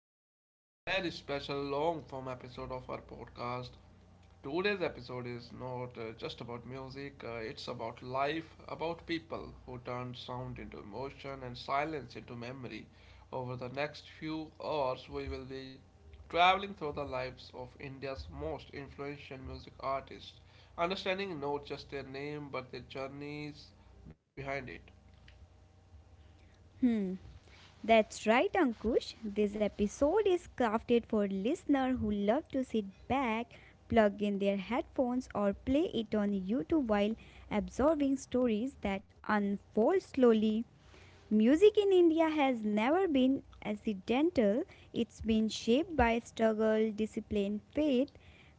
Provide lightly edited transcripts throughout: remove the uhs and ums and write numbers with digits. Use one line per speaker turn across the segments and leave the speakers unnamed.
back to a very special long form episode of our podcast. Today's episode is not just about music, it's about life, about people who turned sound into emotion and silence into memory. Over the next few hours, we will be traveling through the lives of India's most influential music artists, understanding not just their name but their journeys behind it.
Hmm, that's right, Ankush. This episode is crafted for listeners who love to sit back, plug in their headphones, or play it on YouTube while absorbing stories that unfold slowly. Music in India has never been accidental, it's been shaped by struggle, discipline, faith,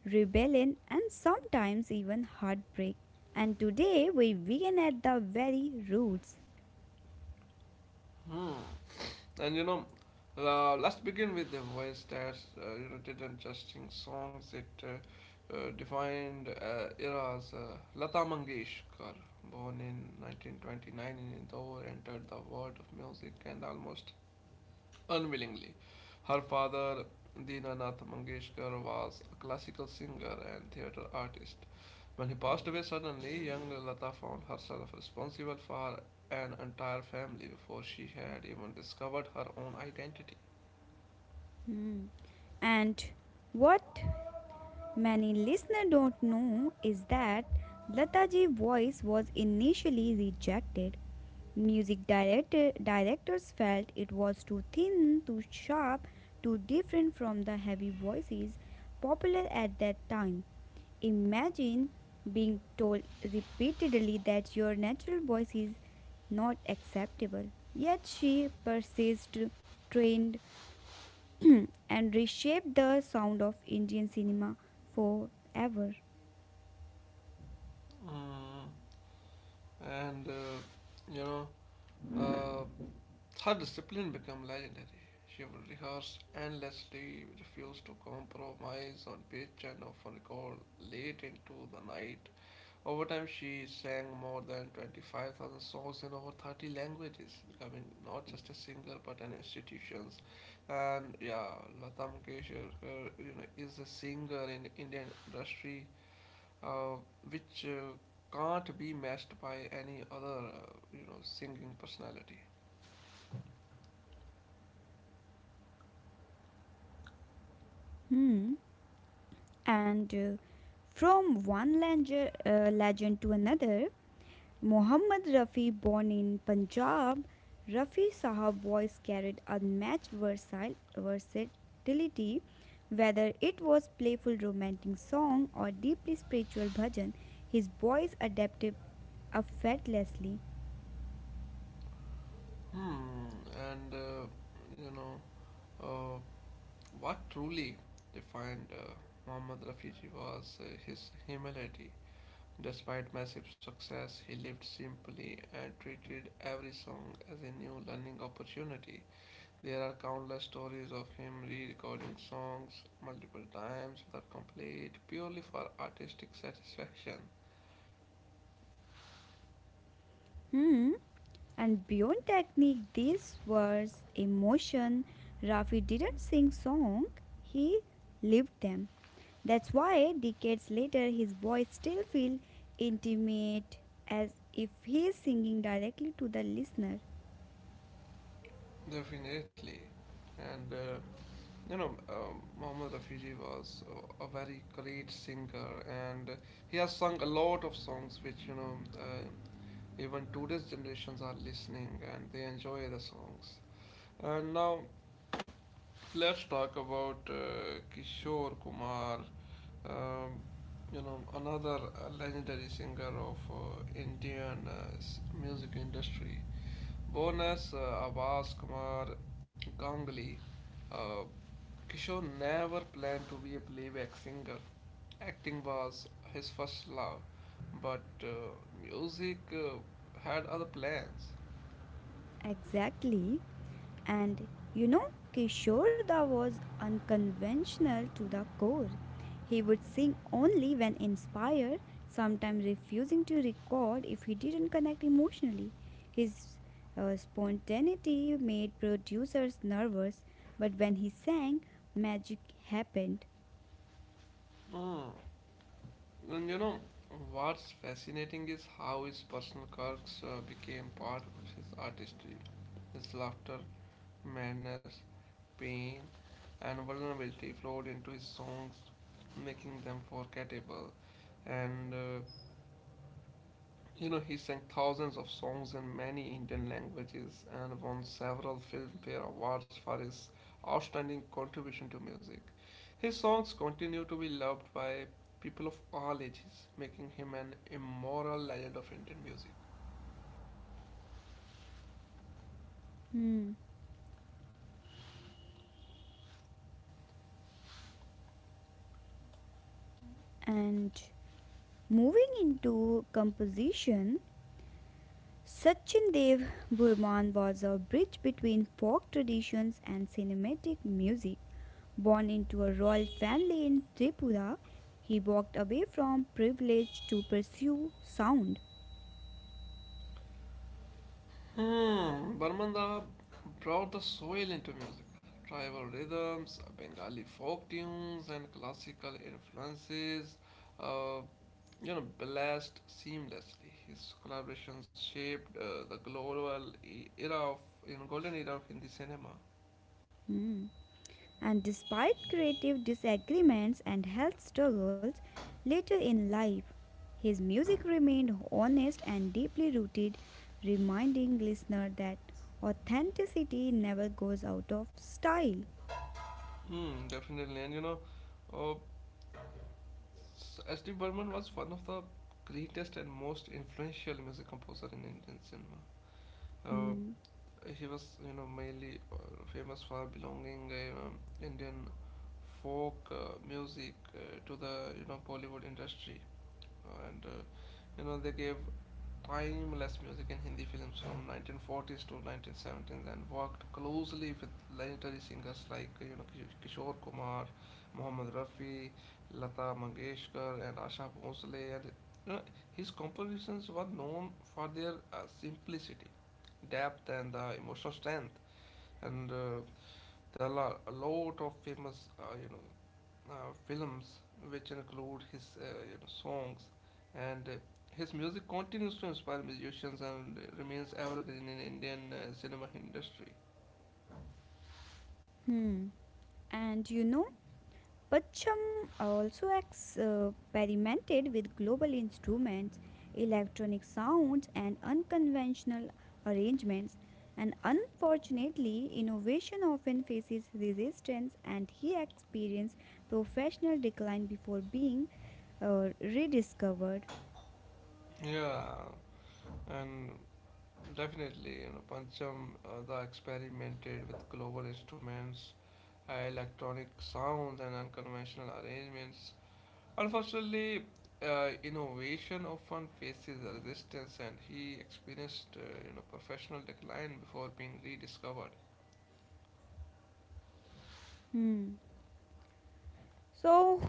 rebellion, and sometimes even heartbreak. And today we begin at the very roots.
Hmm. And you know, let's begin with the voice that didn't just sing songs; it defined eras. Lata Mangeshkar, born in 1929 in Indore, entered the world of music and almost unwillingly. Her father, Dinanath Mangeshkar, was a classical singer and theatre artist. When he passed away suddenly, young Lata found herself responsible for an entire family before she had even discovered her own identity.
Hmm. And what many listeners don't know is that Lataji's voice was initially rejected. Music director, directors felt it was too thin, too sharp, too different from the heavy voices popular at that time. Imagine being told repeatedly that your natural voice is not acceptable. Yet she persisted, trained, and reshaped the sound of Indian cinema forever.
Mm, and uh, you know, uh, Her discipline became legendary. She would rehearse endlessly, refused to compromise on pitch, and often called late into the night. Over time, she sang more than 25,000 songs in over 30 languages, becoming not just a singer but an institution. And yeah, Lata Mangeshkar, is a singer in Indian industry, uh, which can't be matched by any other, singing personality.
Hmm. And From one legend to another, Muhammad Rafi, born in Punjab, Rafi Sahab voice carried unmatched versatile versatility. Whether it was playful romantic song or deeply spiritual bhajan, his voice adapted effortlessly.
Hmm, and uh, you know, uh, what truly defined Muhammad Rafiji was his humility. Despite massive success, he lived simply and treated every song as a new learning opportunity. There are countless stories of him re recording songs multiple times without complaint, purely for artistic satisfaction.
Hmm. And beyond technique, this was emotion. Rafi didn't sing song; he lived them. That's why decades later his voice still feels intimate as if he is singing directly to the listener.
Definitely. And You know, Muhammad Rafiji was a very great singer, and he has sung a lot of songs which even today's generations are listening and they enjoy the songs. And now let's talk about Kishore Kumar, um, another legendary singer of Indian music industry. Born as Abbas Kumar Ganguly, uh, Kishore never planned to be a playback singer. Acting was his first love, but music had other plans.
Exactly. And you know, Kishore Da was unconventional to the core. He would sing only when inspired, sometimes refusing to record if he didn't connect emotionally. His spontaneity made producers nervous, but when he sang, magic happened.
Mm. And you know, what's fascinating is how his personal quirks became part of his artistry. His laughter, madness, pain, and vulnerability flowed into his songs, making them forgettable and You know, he sang thousands of songs in many Indian languages and won several Filmfare Awards for his outstanding contribution to music. His songs continue to be loved by people of all ages, making him an immortal legend of Indian music.
Hmm. And moving into composition, Sachin Dev Burman was a bridge between folk traditions and cinematic music. Born into a royal family in Tripura, he walked away from privilege to pursue sound.
Hmm, Barmanda brought the soil into music. Tribal rhythms, Bengali folk tunes, and classical influences, uh, blessed seamlessly. His collaborations shaped the global e- era of, you know, golden era of Hindi cinema.
Hmm. And despite creative disagreements and health struggles later in life, his music remained honest and deeply rooted, reminding listener that authenticity never goes out of style.
Hmm, definitely, uh, S- S D. Burman was one of the greatest and most influential music composer in Indian cinema. Uh,
Hmm.
he was, you know, mainly famous for belonging Indian folk music to the, you know, Bollywood industry, and they gave timeless music in Hindi films from 1940s to 1970s and worked closely with legendary singers like Kishore Kumar, Mohammad Rafi, Lata Mangeshkar, and Asha Bhosle. And you know, his compositions were known for their simplicity depth and the emotional strength. And There are a lot of famous, films which include his songs, and his music continues to inspire musicians and remains evergreen in Indian cinema industry.
Hmm. And you know, Pacham also experimented with global instruments, electronic sounds, and unconventional arrangements. And unfortunately, innovation often faces resistance, and he experienced professional decline before being rediscovered.
Yeah, and definitely, you know, Pancham the experimented with global instruments, electronic sounds, and unconventional arrangements. Unfortunately, innovation often faces resistance, and he experienced professional decline before being rediscovered.
Hmm. So,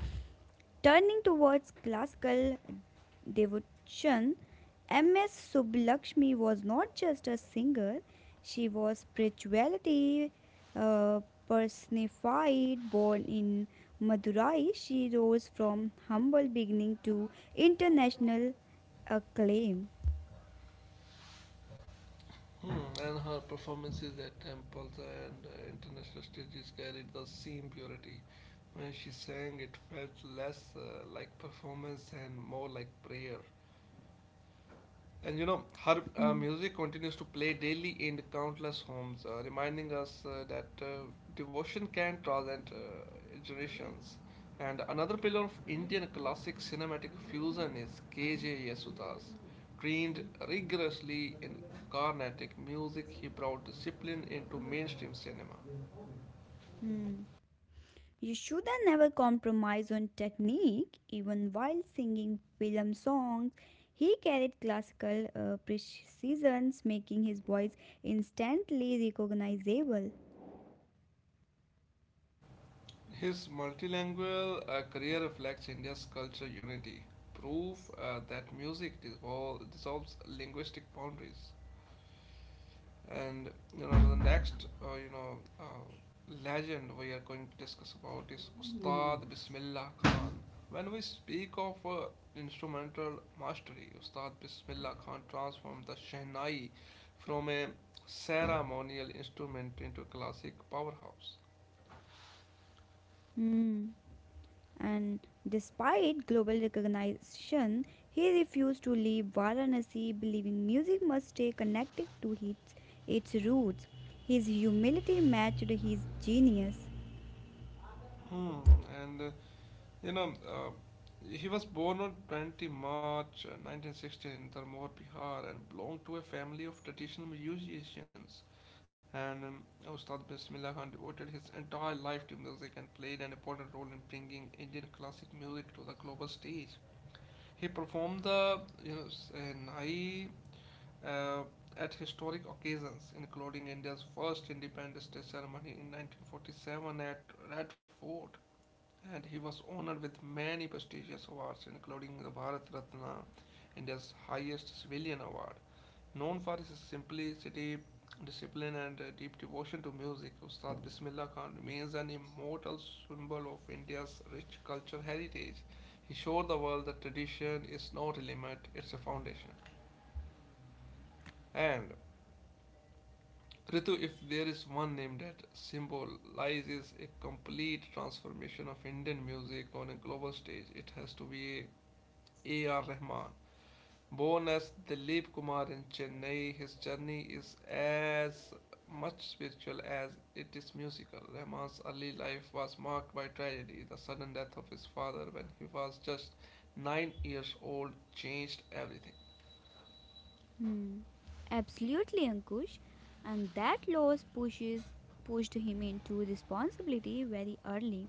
turning towards classical devotion, M.S. Subbulakshmi was not just a singer, she was spirituality uh, personified. Born in Madurai, she rose from humble beginning to international acclaim.
Hmm. And her performances at temples and international stages carried the same purity. When she sang, it felt less like performance and more like prayer. And you know, her
Hmm.
music continues to play daily in countless homes, reminding us that devotion can transcend generations. And another pillar of Indian classic cinematic fusion is K.J. Yesudas. Trained rigorously in Carnatic music, he brought discipline into mainstream cinema.
Hmm. You should never compromise on technique, even while singing film songs. He carried classical precision, making his voice instantly recognizable.
His multilingual career reflects India's cultural unity, proof that music dissolves linguistic boundaries. And you know the
Hmm.
next you know legend we are going to discuss about is Ustad Bismillah Khan. When we speak of instrumental mastery, Ustad Bismillah Khan transformed the Shehnai from a ceremonial instrument into a classic powerhouse.
Hmm. And despite global recognition, he refused to leave Varanasi, believing music must stay connected to its roots. His humility matched his genius.
Hmm, and You know, he was born on 20 March 1916 in Darmor, Bihar, and belonged to a family of traditional musicians. And Ustad Bismillah Khan devoted his entire life to music and played an important role in bringing Indian classic music to the global stage. He performed the, Nai uh, at historic occasions, including India's first Independence Day ceremony in 1947 at Red Fort, and he was honored with many prestigious awards, including the Bharat Ratna, India's highest civilian award. Known for his simplicity, discipline, and deep devotion to music, Ustad Bismillah Khan remains an immortal symbol of India's rich cultural heritage. He showed the world that tradition is not a limit, it's a foundation. And Ritu, if there is one name that symbolizes a complete transformation of Indian music on a global stage, it has to be A.R. Rahman. Bonus Dilip Kumar in Chennai. His journey is as much spiritual as it is musical. Rahman's early life was marked by tragedy. The sudden death of his father when he was just 9 years old changed everything.
Hmm. Absolutely, Ankush. And that loss pushes pushed him into responsibility very early.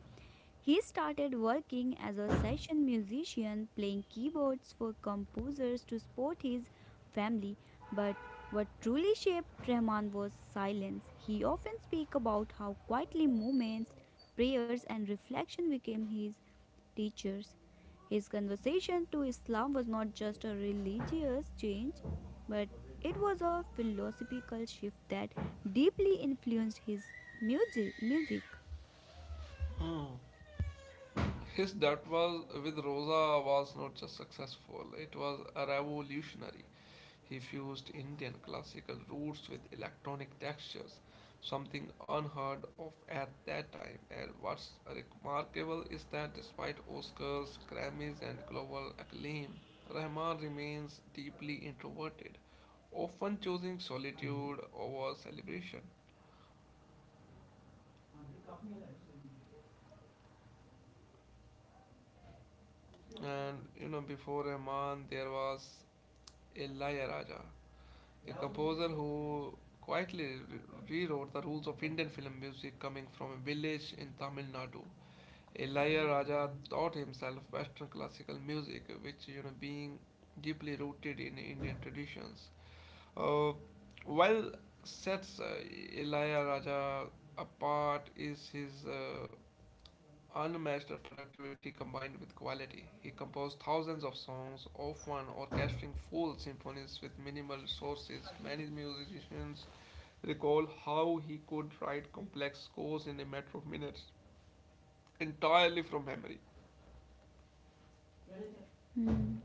He started working as a session musician, playing keyboards for composers to support his family. But what truly shaped Rahman was silence. He often speaks about how quietly movements, prayers, and reflection became his teachers. His conversion to Islam was not just a religious change, but it was a philosophical shift that deeply influenced his music.
Mm. His debut with Rosa was not just successful, it was revolutionary. He fused Indian classical roots with electronic textures, something unheard of at that time. And what's remarkable is that despite Oscars, Grammys, and global acclaim, Rahman remains deeply introverted, often choosing solitude over celebration. And you know, before Rahman, there was Ilaiyaraaja, a composer who quietly rewrote the rules of Indian film music coming from a village in Tamil Nadu. Ilaiyaraaja taught himself Western classical music, which you know being deeply rooted in Indian traditions. Uh, while sets Ilaiyaraaja apart is his unmatched productivity combined with quality, he composed thousands of songs, often orchestrating full symphonies with minimal resources. Many musicians recall how he could write complex scores in a matter of minutes, entirely from memory.
Hmm.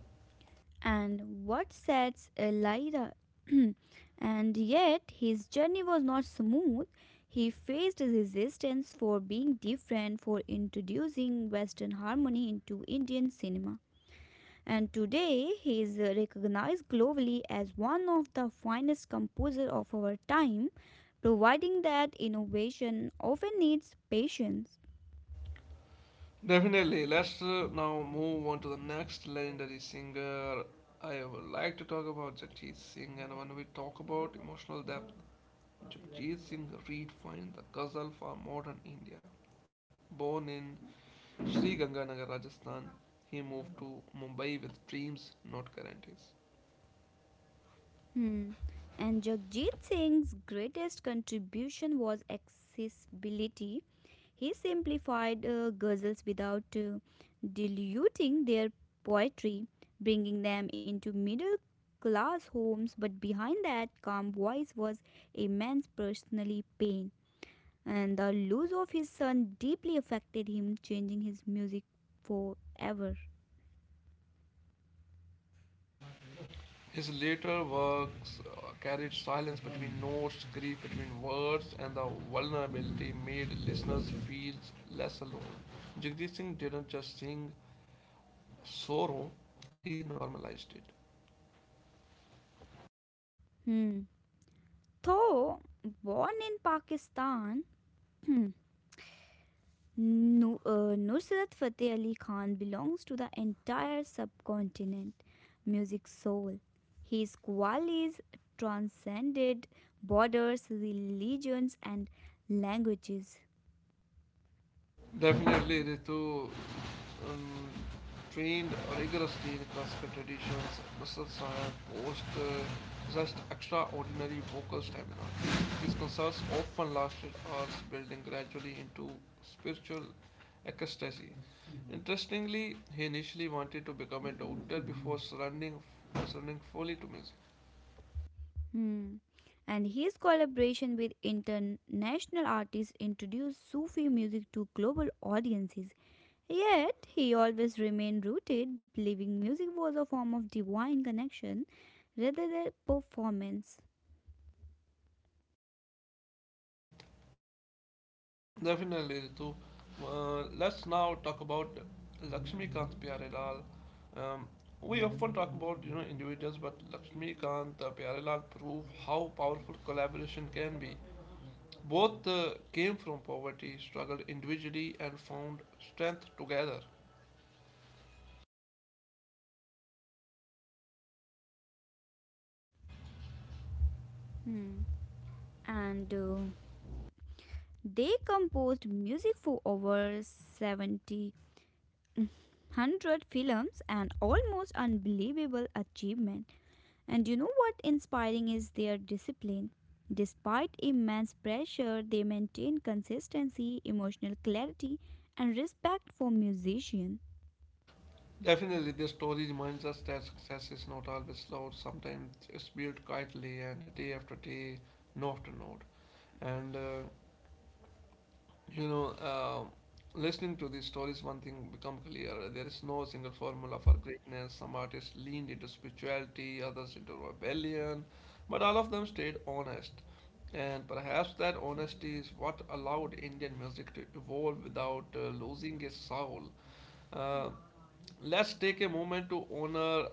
And what sets Elira? And yet, his journey was not smooth. He faced resistance for being different, for introducing Western harmony into Indian cinema, and today he is recognized globally as one of the finest composers of our time, providing that innovation often needs patience.
Definitely, let's now move on to the next legendary singer. I would like to talk about Jagjit Singh, and when we talk about emotional depth, Jagjit Singh redefined the ghazal for modern India. Born in Sri Ganganagar, Rajasthan, he moved to Mumbai with dreams, not guarantees.
Hmm. And Jagjit Singh's greatest contribution was accessibility. He simplified ghazals without diluting their poetry, bringing them into middle class homes, but behind that calm voice was immense personal pain. And the loss of his son deeply affected him, changing his music forever.
His later works carried silence between notes, grief between words, and the vulnerability made listeners feel less alone. Jagdish Singh didn't just sing sorrow, he normalized it.
Hmm. Though born in Pakistan, Nusrat Fateh Ali Khan belongs to the entire subcontinent music soul. His qualities transcended borders, religions, and languages.
Definitely, Ritu, um, trained rigorously in classical traditions. Nasr Sahib possessed extraordinary vocal stamina. His concerts often lasted hours, building gradually into spiritual ecstasy. Interestingly, he initially wanted to become a doctor before surrendering fully to music.
Hmm. And his collaboration with international artists introduced Sufi music to global audiences. Yet, he always remained rooted, believing music was a form of divine connection rather than performance.
Definitely, Ritu. Let's now talk about Lakshmikant Pyarelal. Um, we often talk about you know individuals, but Lakshmikant Pyarelal prove how powerful collaboration can be. Both came from poverty, struggled individually, and found strength together.
Hmm. And They composed music for over 70 hundred films, an almost unbelievable achievement. And you know what inspiring is their discipline. Despite immense pressure, they maintain consistency, emotional clarity, and respect for musician.
Definitely, this story reminds us that success is not always loud. Sometimes it's built quietly and day after day, note to note. And You know, listening to these stories, one thing become clear. There is no single formula for greatness. Some artists leaned into spirituality, others into rebellion, but all of them stayed honest. And perhaps that honesty is what allowed Indian music to evolve without losing its soul. Uh, Let's take a moment to honor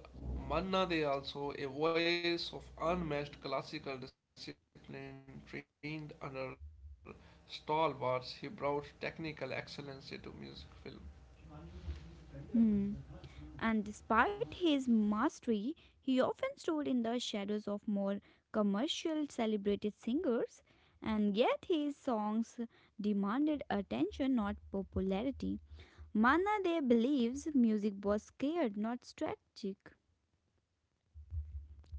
Manna De also, a voice of unmatched classical discipline trained under stalwarts. He brought technical excellence into music film.
Hmm. And despite his mastery, he often stood in the shadows of more commercial celebrated singers, and yet his songs demanded attention, not popularity. Manade believes music was scared, not strategic.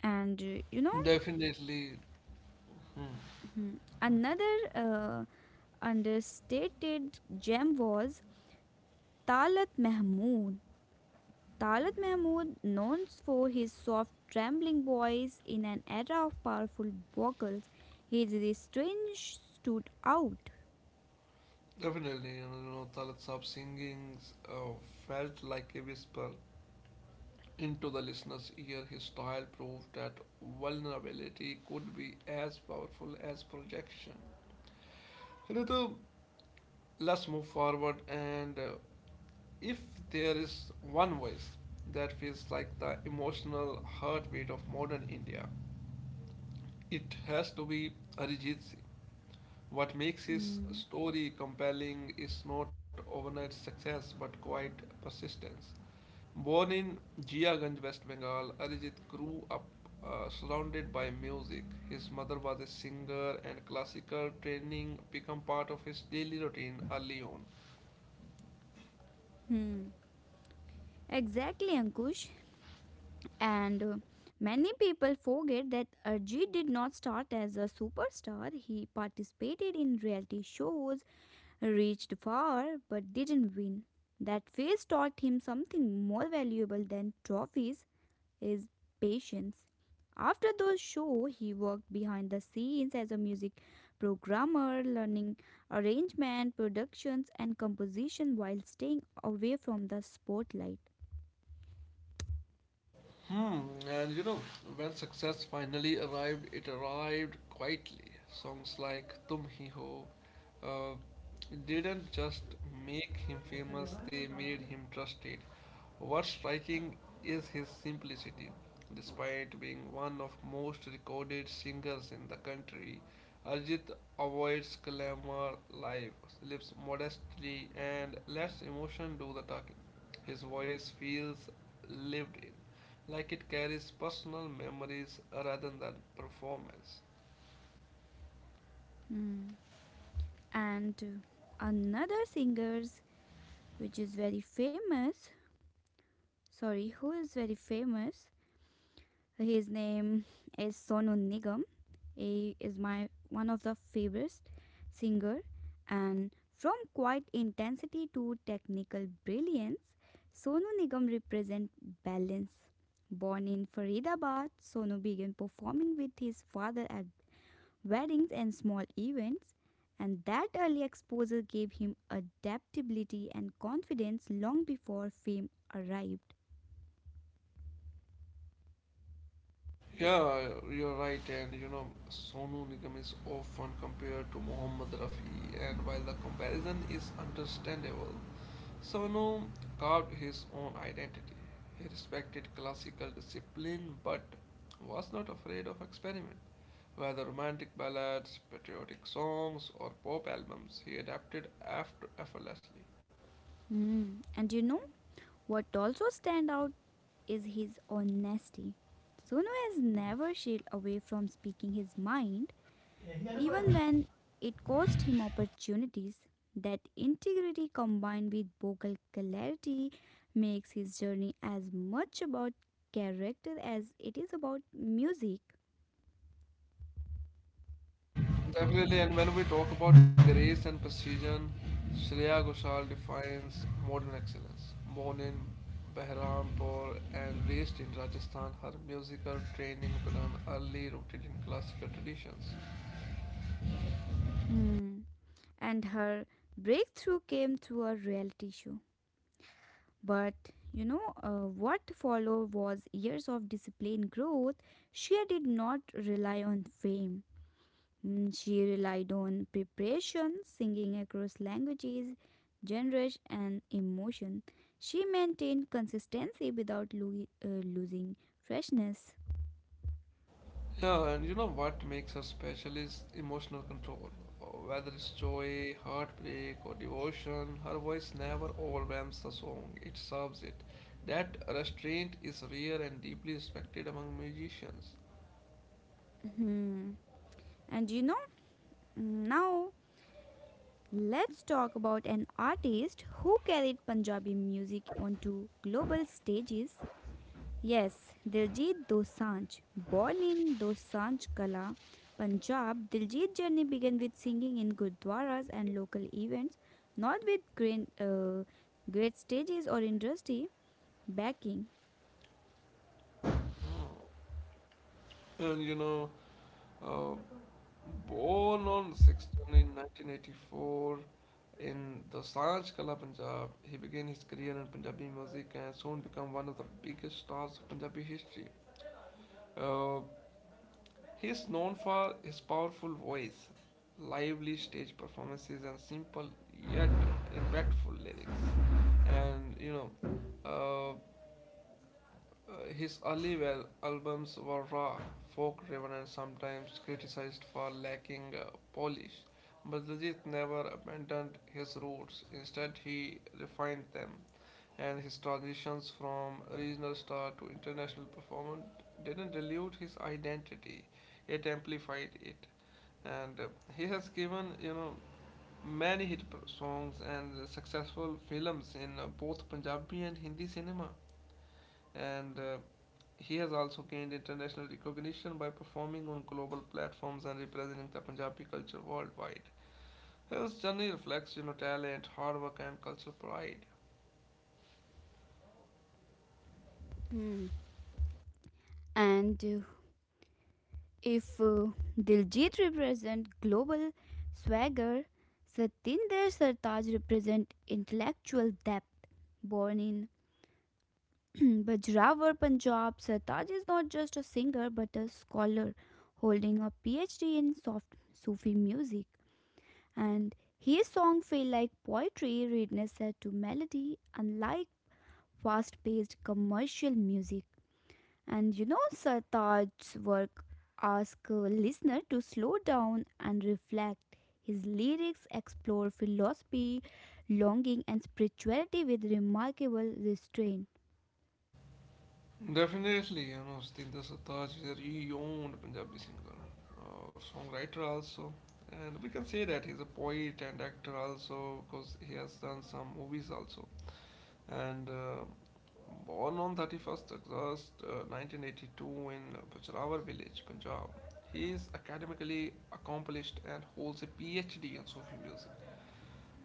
And uh, you know,
Definitely,
Hmm. Another uh, understated gem was Talat Mahmood. Talat Mahmood, known for his soft, trembling voice in an era of powerful vocals, his restraint stood out.
Definitely, you know, Talat Saab singing uh, felt like a whisper into the listener's ear. His style proved that vulnerability could be as powerful as projection. Hello. Let's move forward, and if there is one voice that feels like the emotional heartbeat of modern India, it has to be Arijit Singh. What makes his
Hmm.
story compelling is not overnight success but quiet persistence. Born in Jiaganj, West Bengal, Arijit grew up surrounded by music. His mother was a singer, and classical training became part of his daily routine early on.
Hmm. Exactly, Ankush. And many people forget that Arjit did not start as a superstar. He participated in reality shows, reached far but didn't win. That phase taught him something more valuable than trophies, his patience. After the show, he worked behind the scenes as a music programmer, learning arrangement, productions, and composition while staying away from the spotlight.
Hmm, and you know, when success finally arrived, it arrived quietly. Songs like Tum Hi Ho uh, didn't just make him famous, they made him trusted. What's striking is his simplicity. Despite being one of most recorded singers in the country, Arjit avoids glamour life, lives modestly, and lets emotion do the talking. His voice feels lived in like it carries personal memories rather than performance.
Hmm. And another singers which is very famous, sorry, who is very famous, his name is Sonu Nigam. He is my one of the favorite singer, and from quiet intensity to technical brilliance, Sonu Nigam represent balance. Born in Faridabad, Sonu began performing with his father at weddings and small events, and that early exposure gave him adaptability and confidence long before fame arrived.
Yeah, you're right, and Sonu Nigam is often compared to Mohammad Rafi, and while the comparison is understandable, Sonu carved his own identity. He respected classical discipline but was not afraid of experiment. Whether romantic ballads, patriotic songs, or pop albums, he adapted after effortlessly.
Hmm. And you know what also stand out is his honesty. Suno has never shied away from speaking his mind, even when it cost him opportunities. That integrity combined with vocal clarity makes his journey as much about character as it is about music.
Definitely, and when we talk about grace and precision, Shreya Ghoshal defines modern excellence. Born in Berhampur and raised in Rajasthan, her musical training began early, rooted in classical traditions.
Hmm. And her breakthrough came through a reality show. But you know, what followed was years of disciplined growth. Shia did not rely on fame. Mm, she relied on preparation, singing across languages, genres, and emotion. She maintained consistency without losing freshness.
Yeah, and you know what makes her special is emotional control. Whether it's joy, heartbreak, or devotion, her voice never overwhelms the song, it serves it. That restraint is rare and deeply respected among musicians.
Mhm. And you know, now let's talk about an artist who carried Punjabi music onto global stages. Yes, Diljit Dosanjh. Born in Dosanjh Kala, Punjab, Diljit's journey began with singing in gurdwaras and local events, not with great stages or industry backing.
Hmm. And uh, born on sixth January 1984 in the Sanj Kala, Punjab, he began his career in Punjabi music and soon became one of the biggest stars of Punjabi history. Uh, he is known for his powerful voice, lively stage performances, and simple yet impactful lyrics. And uh, his early albums were raw, folk driven, and sometimes criticized for lacking polish. But Diljit never abandoned his roots. Instead, he refined them. And his transitions from regional star to international performer didn't dilute his identity, it amplified it. And he has given, many hit songs and successful films in both Punjabi and Hindi cinema, and he has also gained international recognition by performing on global platforms and representing the Punjabi culture worldwide. His journey reflects talent, hard work, and cultural pride.
Hmm. And if Diljit represents global swagger, Satinder Sartaaj represents intellectual depth. Born in Bajrawar Panjab, Sartaj is not just a singer but a scholar holding a PhD in soft Sufi music. And his song feel like poetry written set to melody, unlike fast-paced commercial music. And you know Sartaj's work ask a listener to slow down and reflect. His lyrics explore philosophy, longing, and spirituality with remarkable restraint.
Definitely, Satinder Sartaaj is a renowned Punjabi singer, songwriter also, and we can say that he's a poet and actor also because he has done some movies also. And born on 31st August 1982 in Bachrawar village, Punjab. He is academically accomplished and holds a PhD in Sufi music.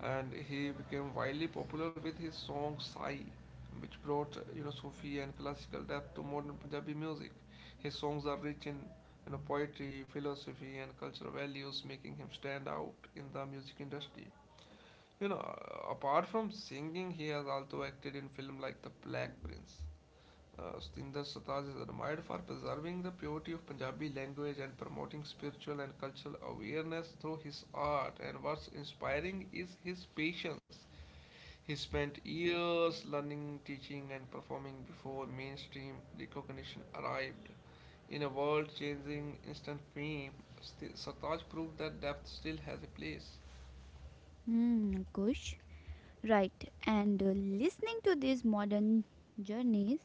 And he became widely popular with his song Sai, which brought Sufi and classical depth to modern Punjabi music. His songs are rich in poetry, philosophy, and cultural values, making him stand out in the music industry. You know, Apart from singing, he has also acted in films like The Black Prince. Sutinder Sartaaj is admired for preserving the purity of Punjabi language and promoting spiritual and cultural awareness through his art. And what's inspiring is his patience. He spent years learning, teaching, and performing before mainstream recognition arrived. In a world changing instant fame, Sartaaj proved that depth still has a place.
Hmm, Kush. Right, and listening to these modern journeys,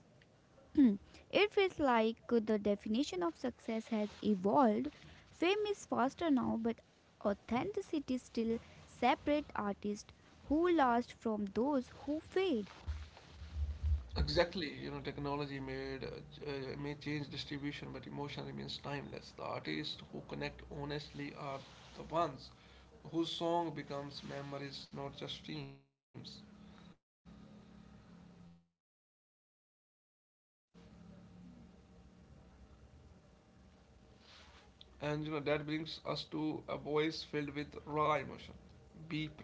it feels like the definition of success has evolved. Fame is faster now, but authenticity still separate artists who last from those who fade.
Exactly, technology may change distribution, but emotion remains timeless. The artists who connect honestly are the ones whose song becomes memories, not just streams.
Hmm.
And that brings us to a
And uh,
voice filled with
that, uh,
raw emotion. B. Prague, born as Pratik
yes.
Bachchan,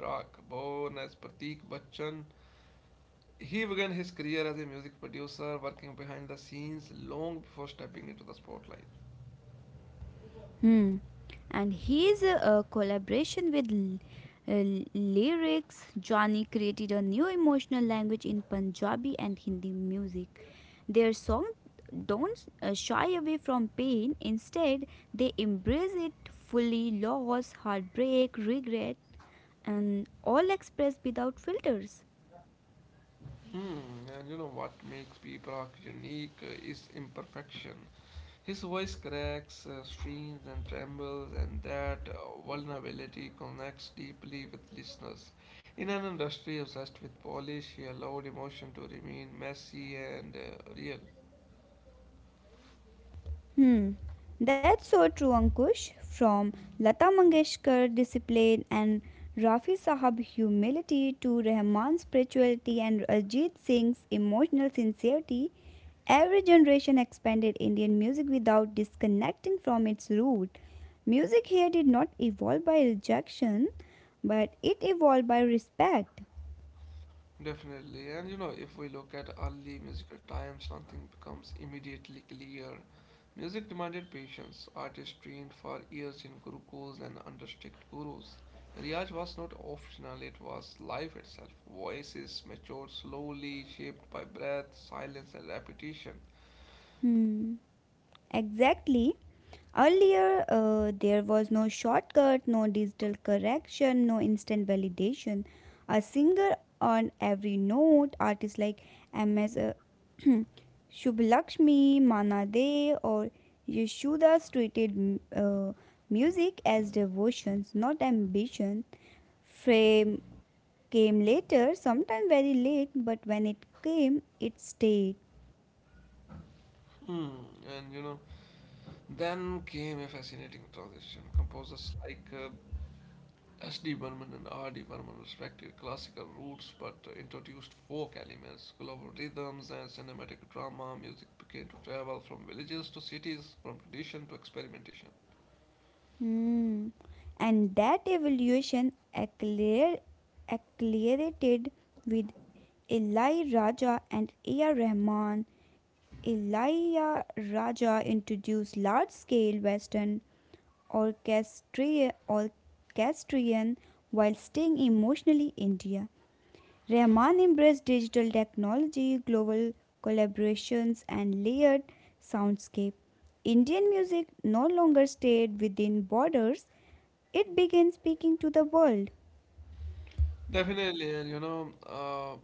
he began his career as a music producer, working behind the scenes long before stepping into the spotlight.
Hmm. And his collaboration with uh, lyrics, Johnny created a new emotional language in Punjabi and Hindi music. Their songs don't shy away from pain, instead, they embrace it fully loss, heartbreak, regret, and all expressed without filters.
And you know what makes P Prague unique is imperfection. His voice cracks, strains, and trembles, and that vulnerability connects deeply with listeners. In an industry obsessed with polish, he allowed emotion to remain messy and real.
Hmm, that's so true, Ankush. From Lata Mangeshkar discipline and Rafi Sahab humility to Rahman's spirituality and Ajit Singh's emotional sincerity, every generation expanded Indian music without disconnecting from its root. Music here did not evolve by rejection, but it evolved by respect.
Definitely, and if we look at early musical times, one thing becomes immediately clear. Music demanded patience. Artists trained for years in gurukuls and under strict gurus. Riyaj was not optional, it was life itself. Voices matured slowly, shaped by breath, silence, and repetition.
Hmm. Exactly. Earlier, there was no shortcut, no digital correction, no instant validation. A singer on every note, artists like M.S. Shubhalakshmi, Mana De, or Yashodas treated music as devotions, not ambition. Fame came later, sometimes very late, but when it came, it stayed.
Hmm. And then came a fascinating transition. Composers like S.D. Burman and R.D. Burman respected classical roots but introduced folk elements, global rhythms, and cinematic drama. Music began to travel from villages to cities, from tradition to experimentation.
Hmm. And that evolution accler- accelerated with Eli Raja and A.R. Rahman. Eli Raja introduced large-scale Western orchestrion while staying emotionally India. Rahman embraced digital technology, global collaborations, and layered soundscape. Indian music no longer stayed within borders, it began speaking to the world.
Definitely, and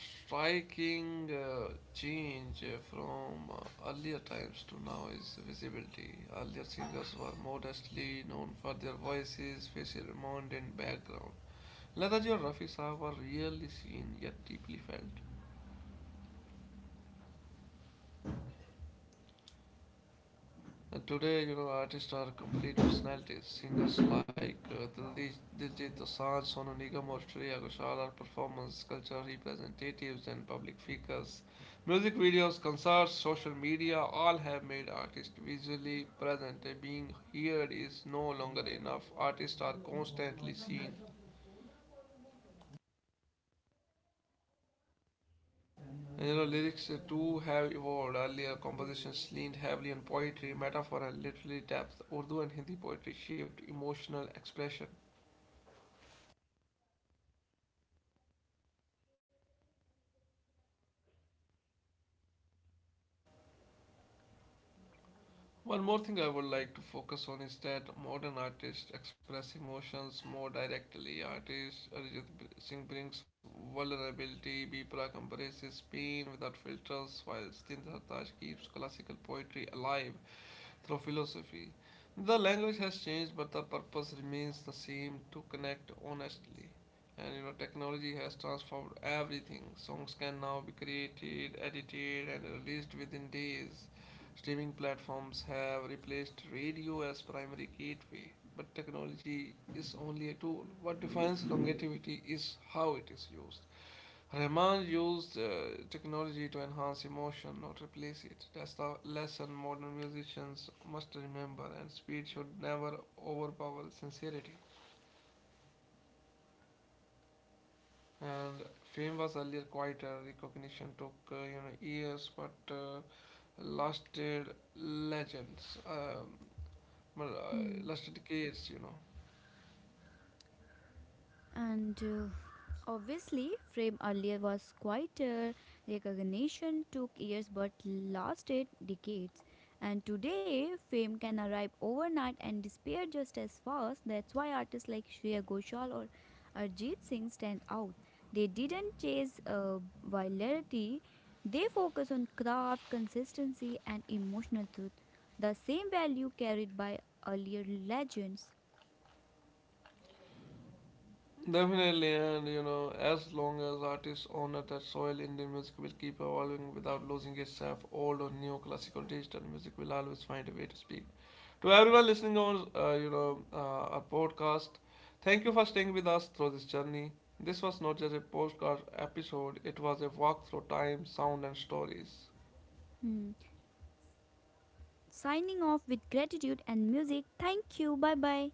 striking change from earlier times to now is visibility. Earlier singers were modestly known for their voices, facial movement, and background. Lataji and Rafi Saab were rarely seen yet deeply felt. And today, artists are complete personalities. Singers like Diljit Dosanjh, Sonu Nigam, or Shreya Ghoshal are performance, culture representatives, and public figures. Music videos, concerts, social media all have made artists visually present. Being heard is no longer enough. Artists are constantly seen. And, lyrics too have evolved. Earlier, compositions leaned heavily on poetry, metaphor, and literary depth. Urdu and Hindi poetry shaped emotional expression. One more thing I would like to focus on is that modern artists express emotions more directly. Artist Arijit Singh brings vulnerability, Bipra embraces pain without filters, while Stindraj keeps classical poetry alive through philosophy. The language has changed, but the purpose remains the same to connect honestly. And technology has transformed everything. Songs can now be created, edited, and released within days. Streaming platforms have replaced radio as primary gateway, but technology is only a tool. What defines longevity is how it is used. Rahman used technology to enhance emotion, not replace it. That's the lesson modern musicians must remember, and speed should never overpower sincerity. And fame was earlier quieter. Recognition took years, but lasted legends. Well,
Hmm.
lasted decades.
And obviously, Frame earlier was quieter. Recognition took years but lasted decades. And today, fame can arrive overnight and disappear just as fast. That's why artists like Shreya Ghoshal or Arjit Singh stand out. They didn't chase virality. They focus on craft, consistency, and emotional truth. The same value carried by earlier legends.
Definitely, and as long as artists honor that soil, Indian music will keep evolving without losing itself. Old or new, classical, digital music will always find a way to speak. To everyone listening on, our podcast, thank you for staying with us through this journey. This was not just a postcard episode; it was a walk through time, sound, and stories.
Hmm. Signing off with gratitude and music. Thank you. Bye bye.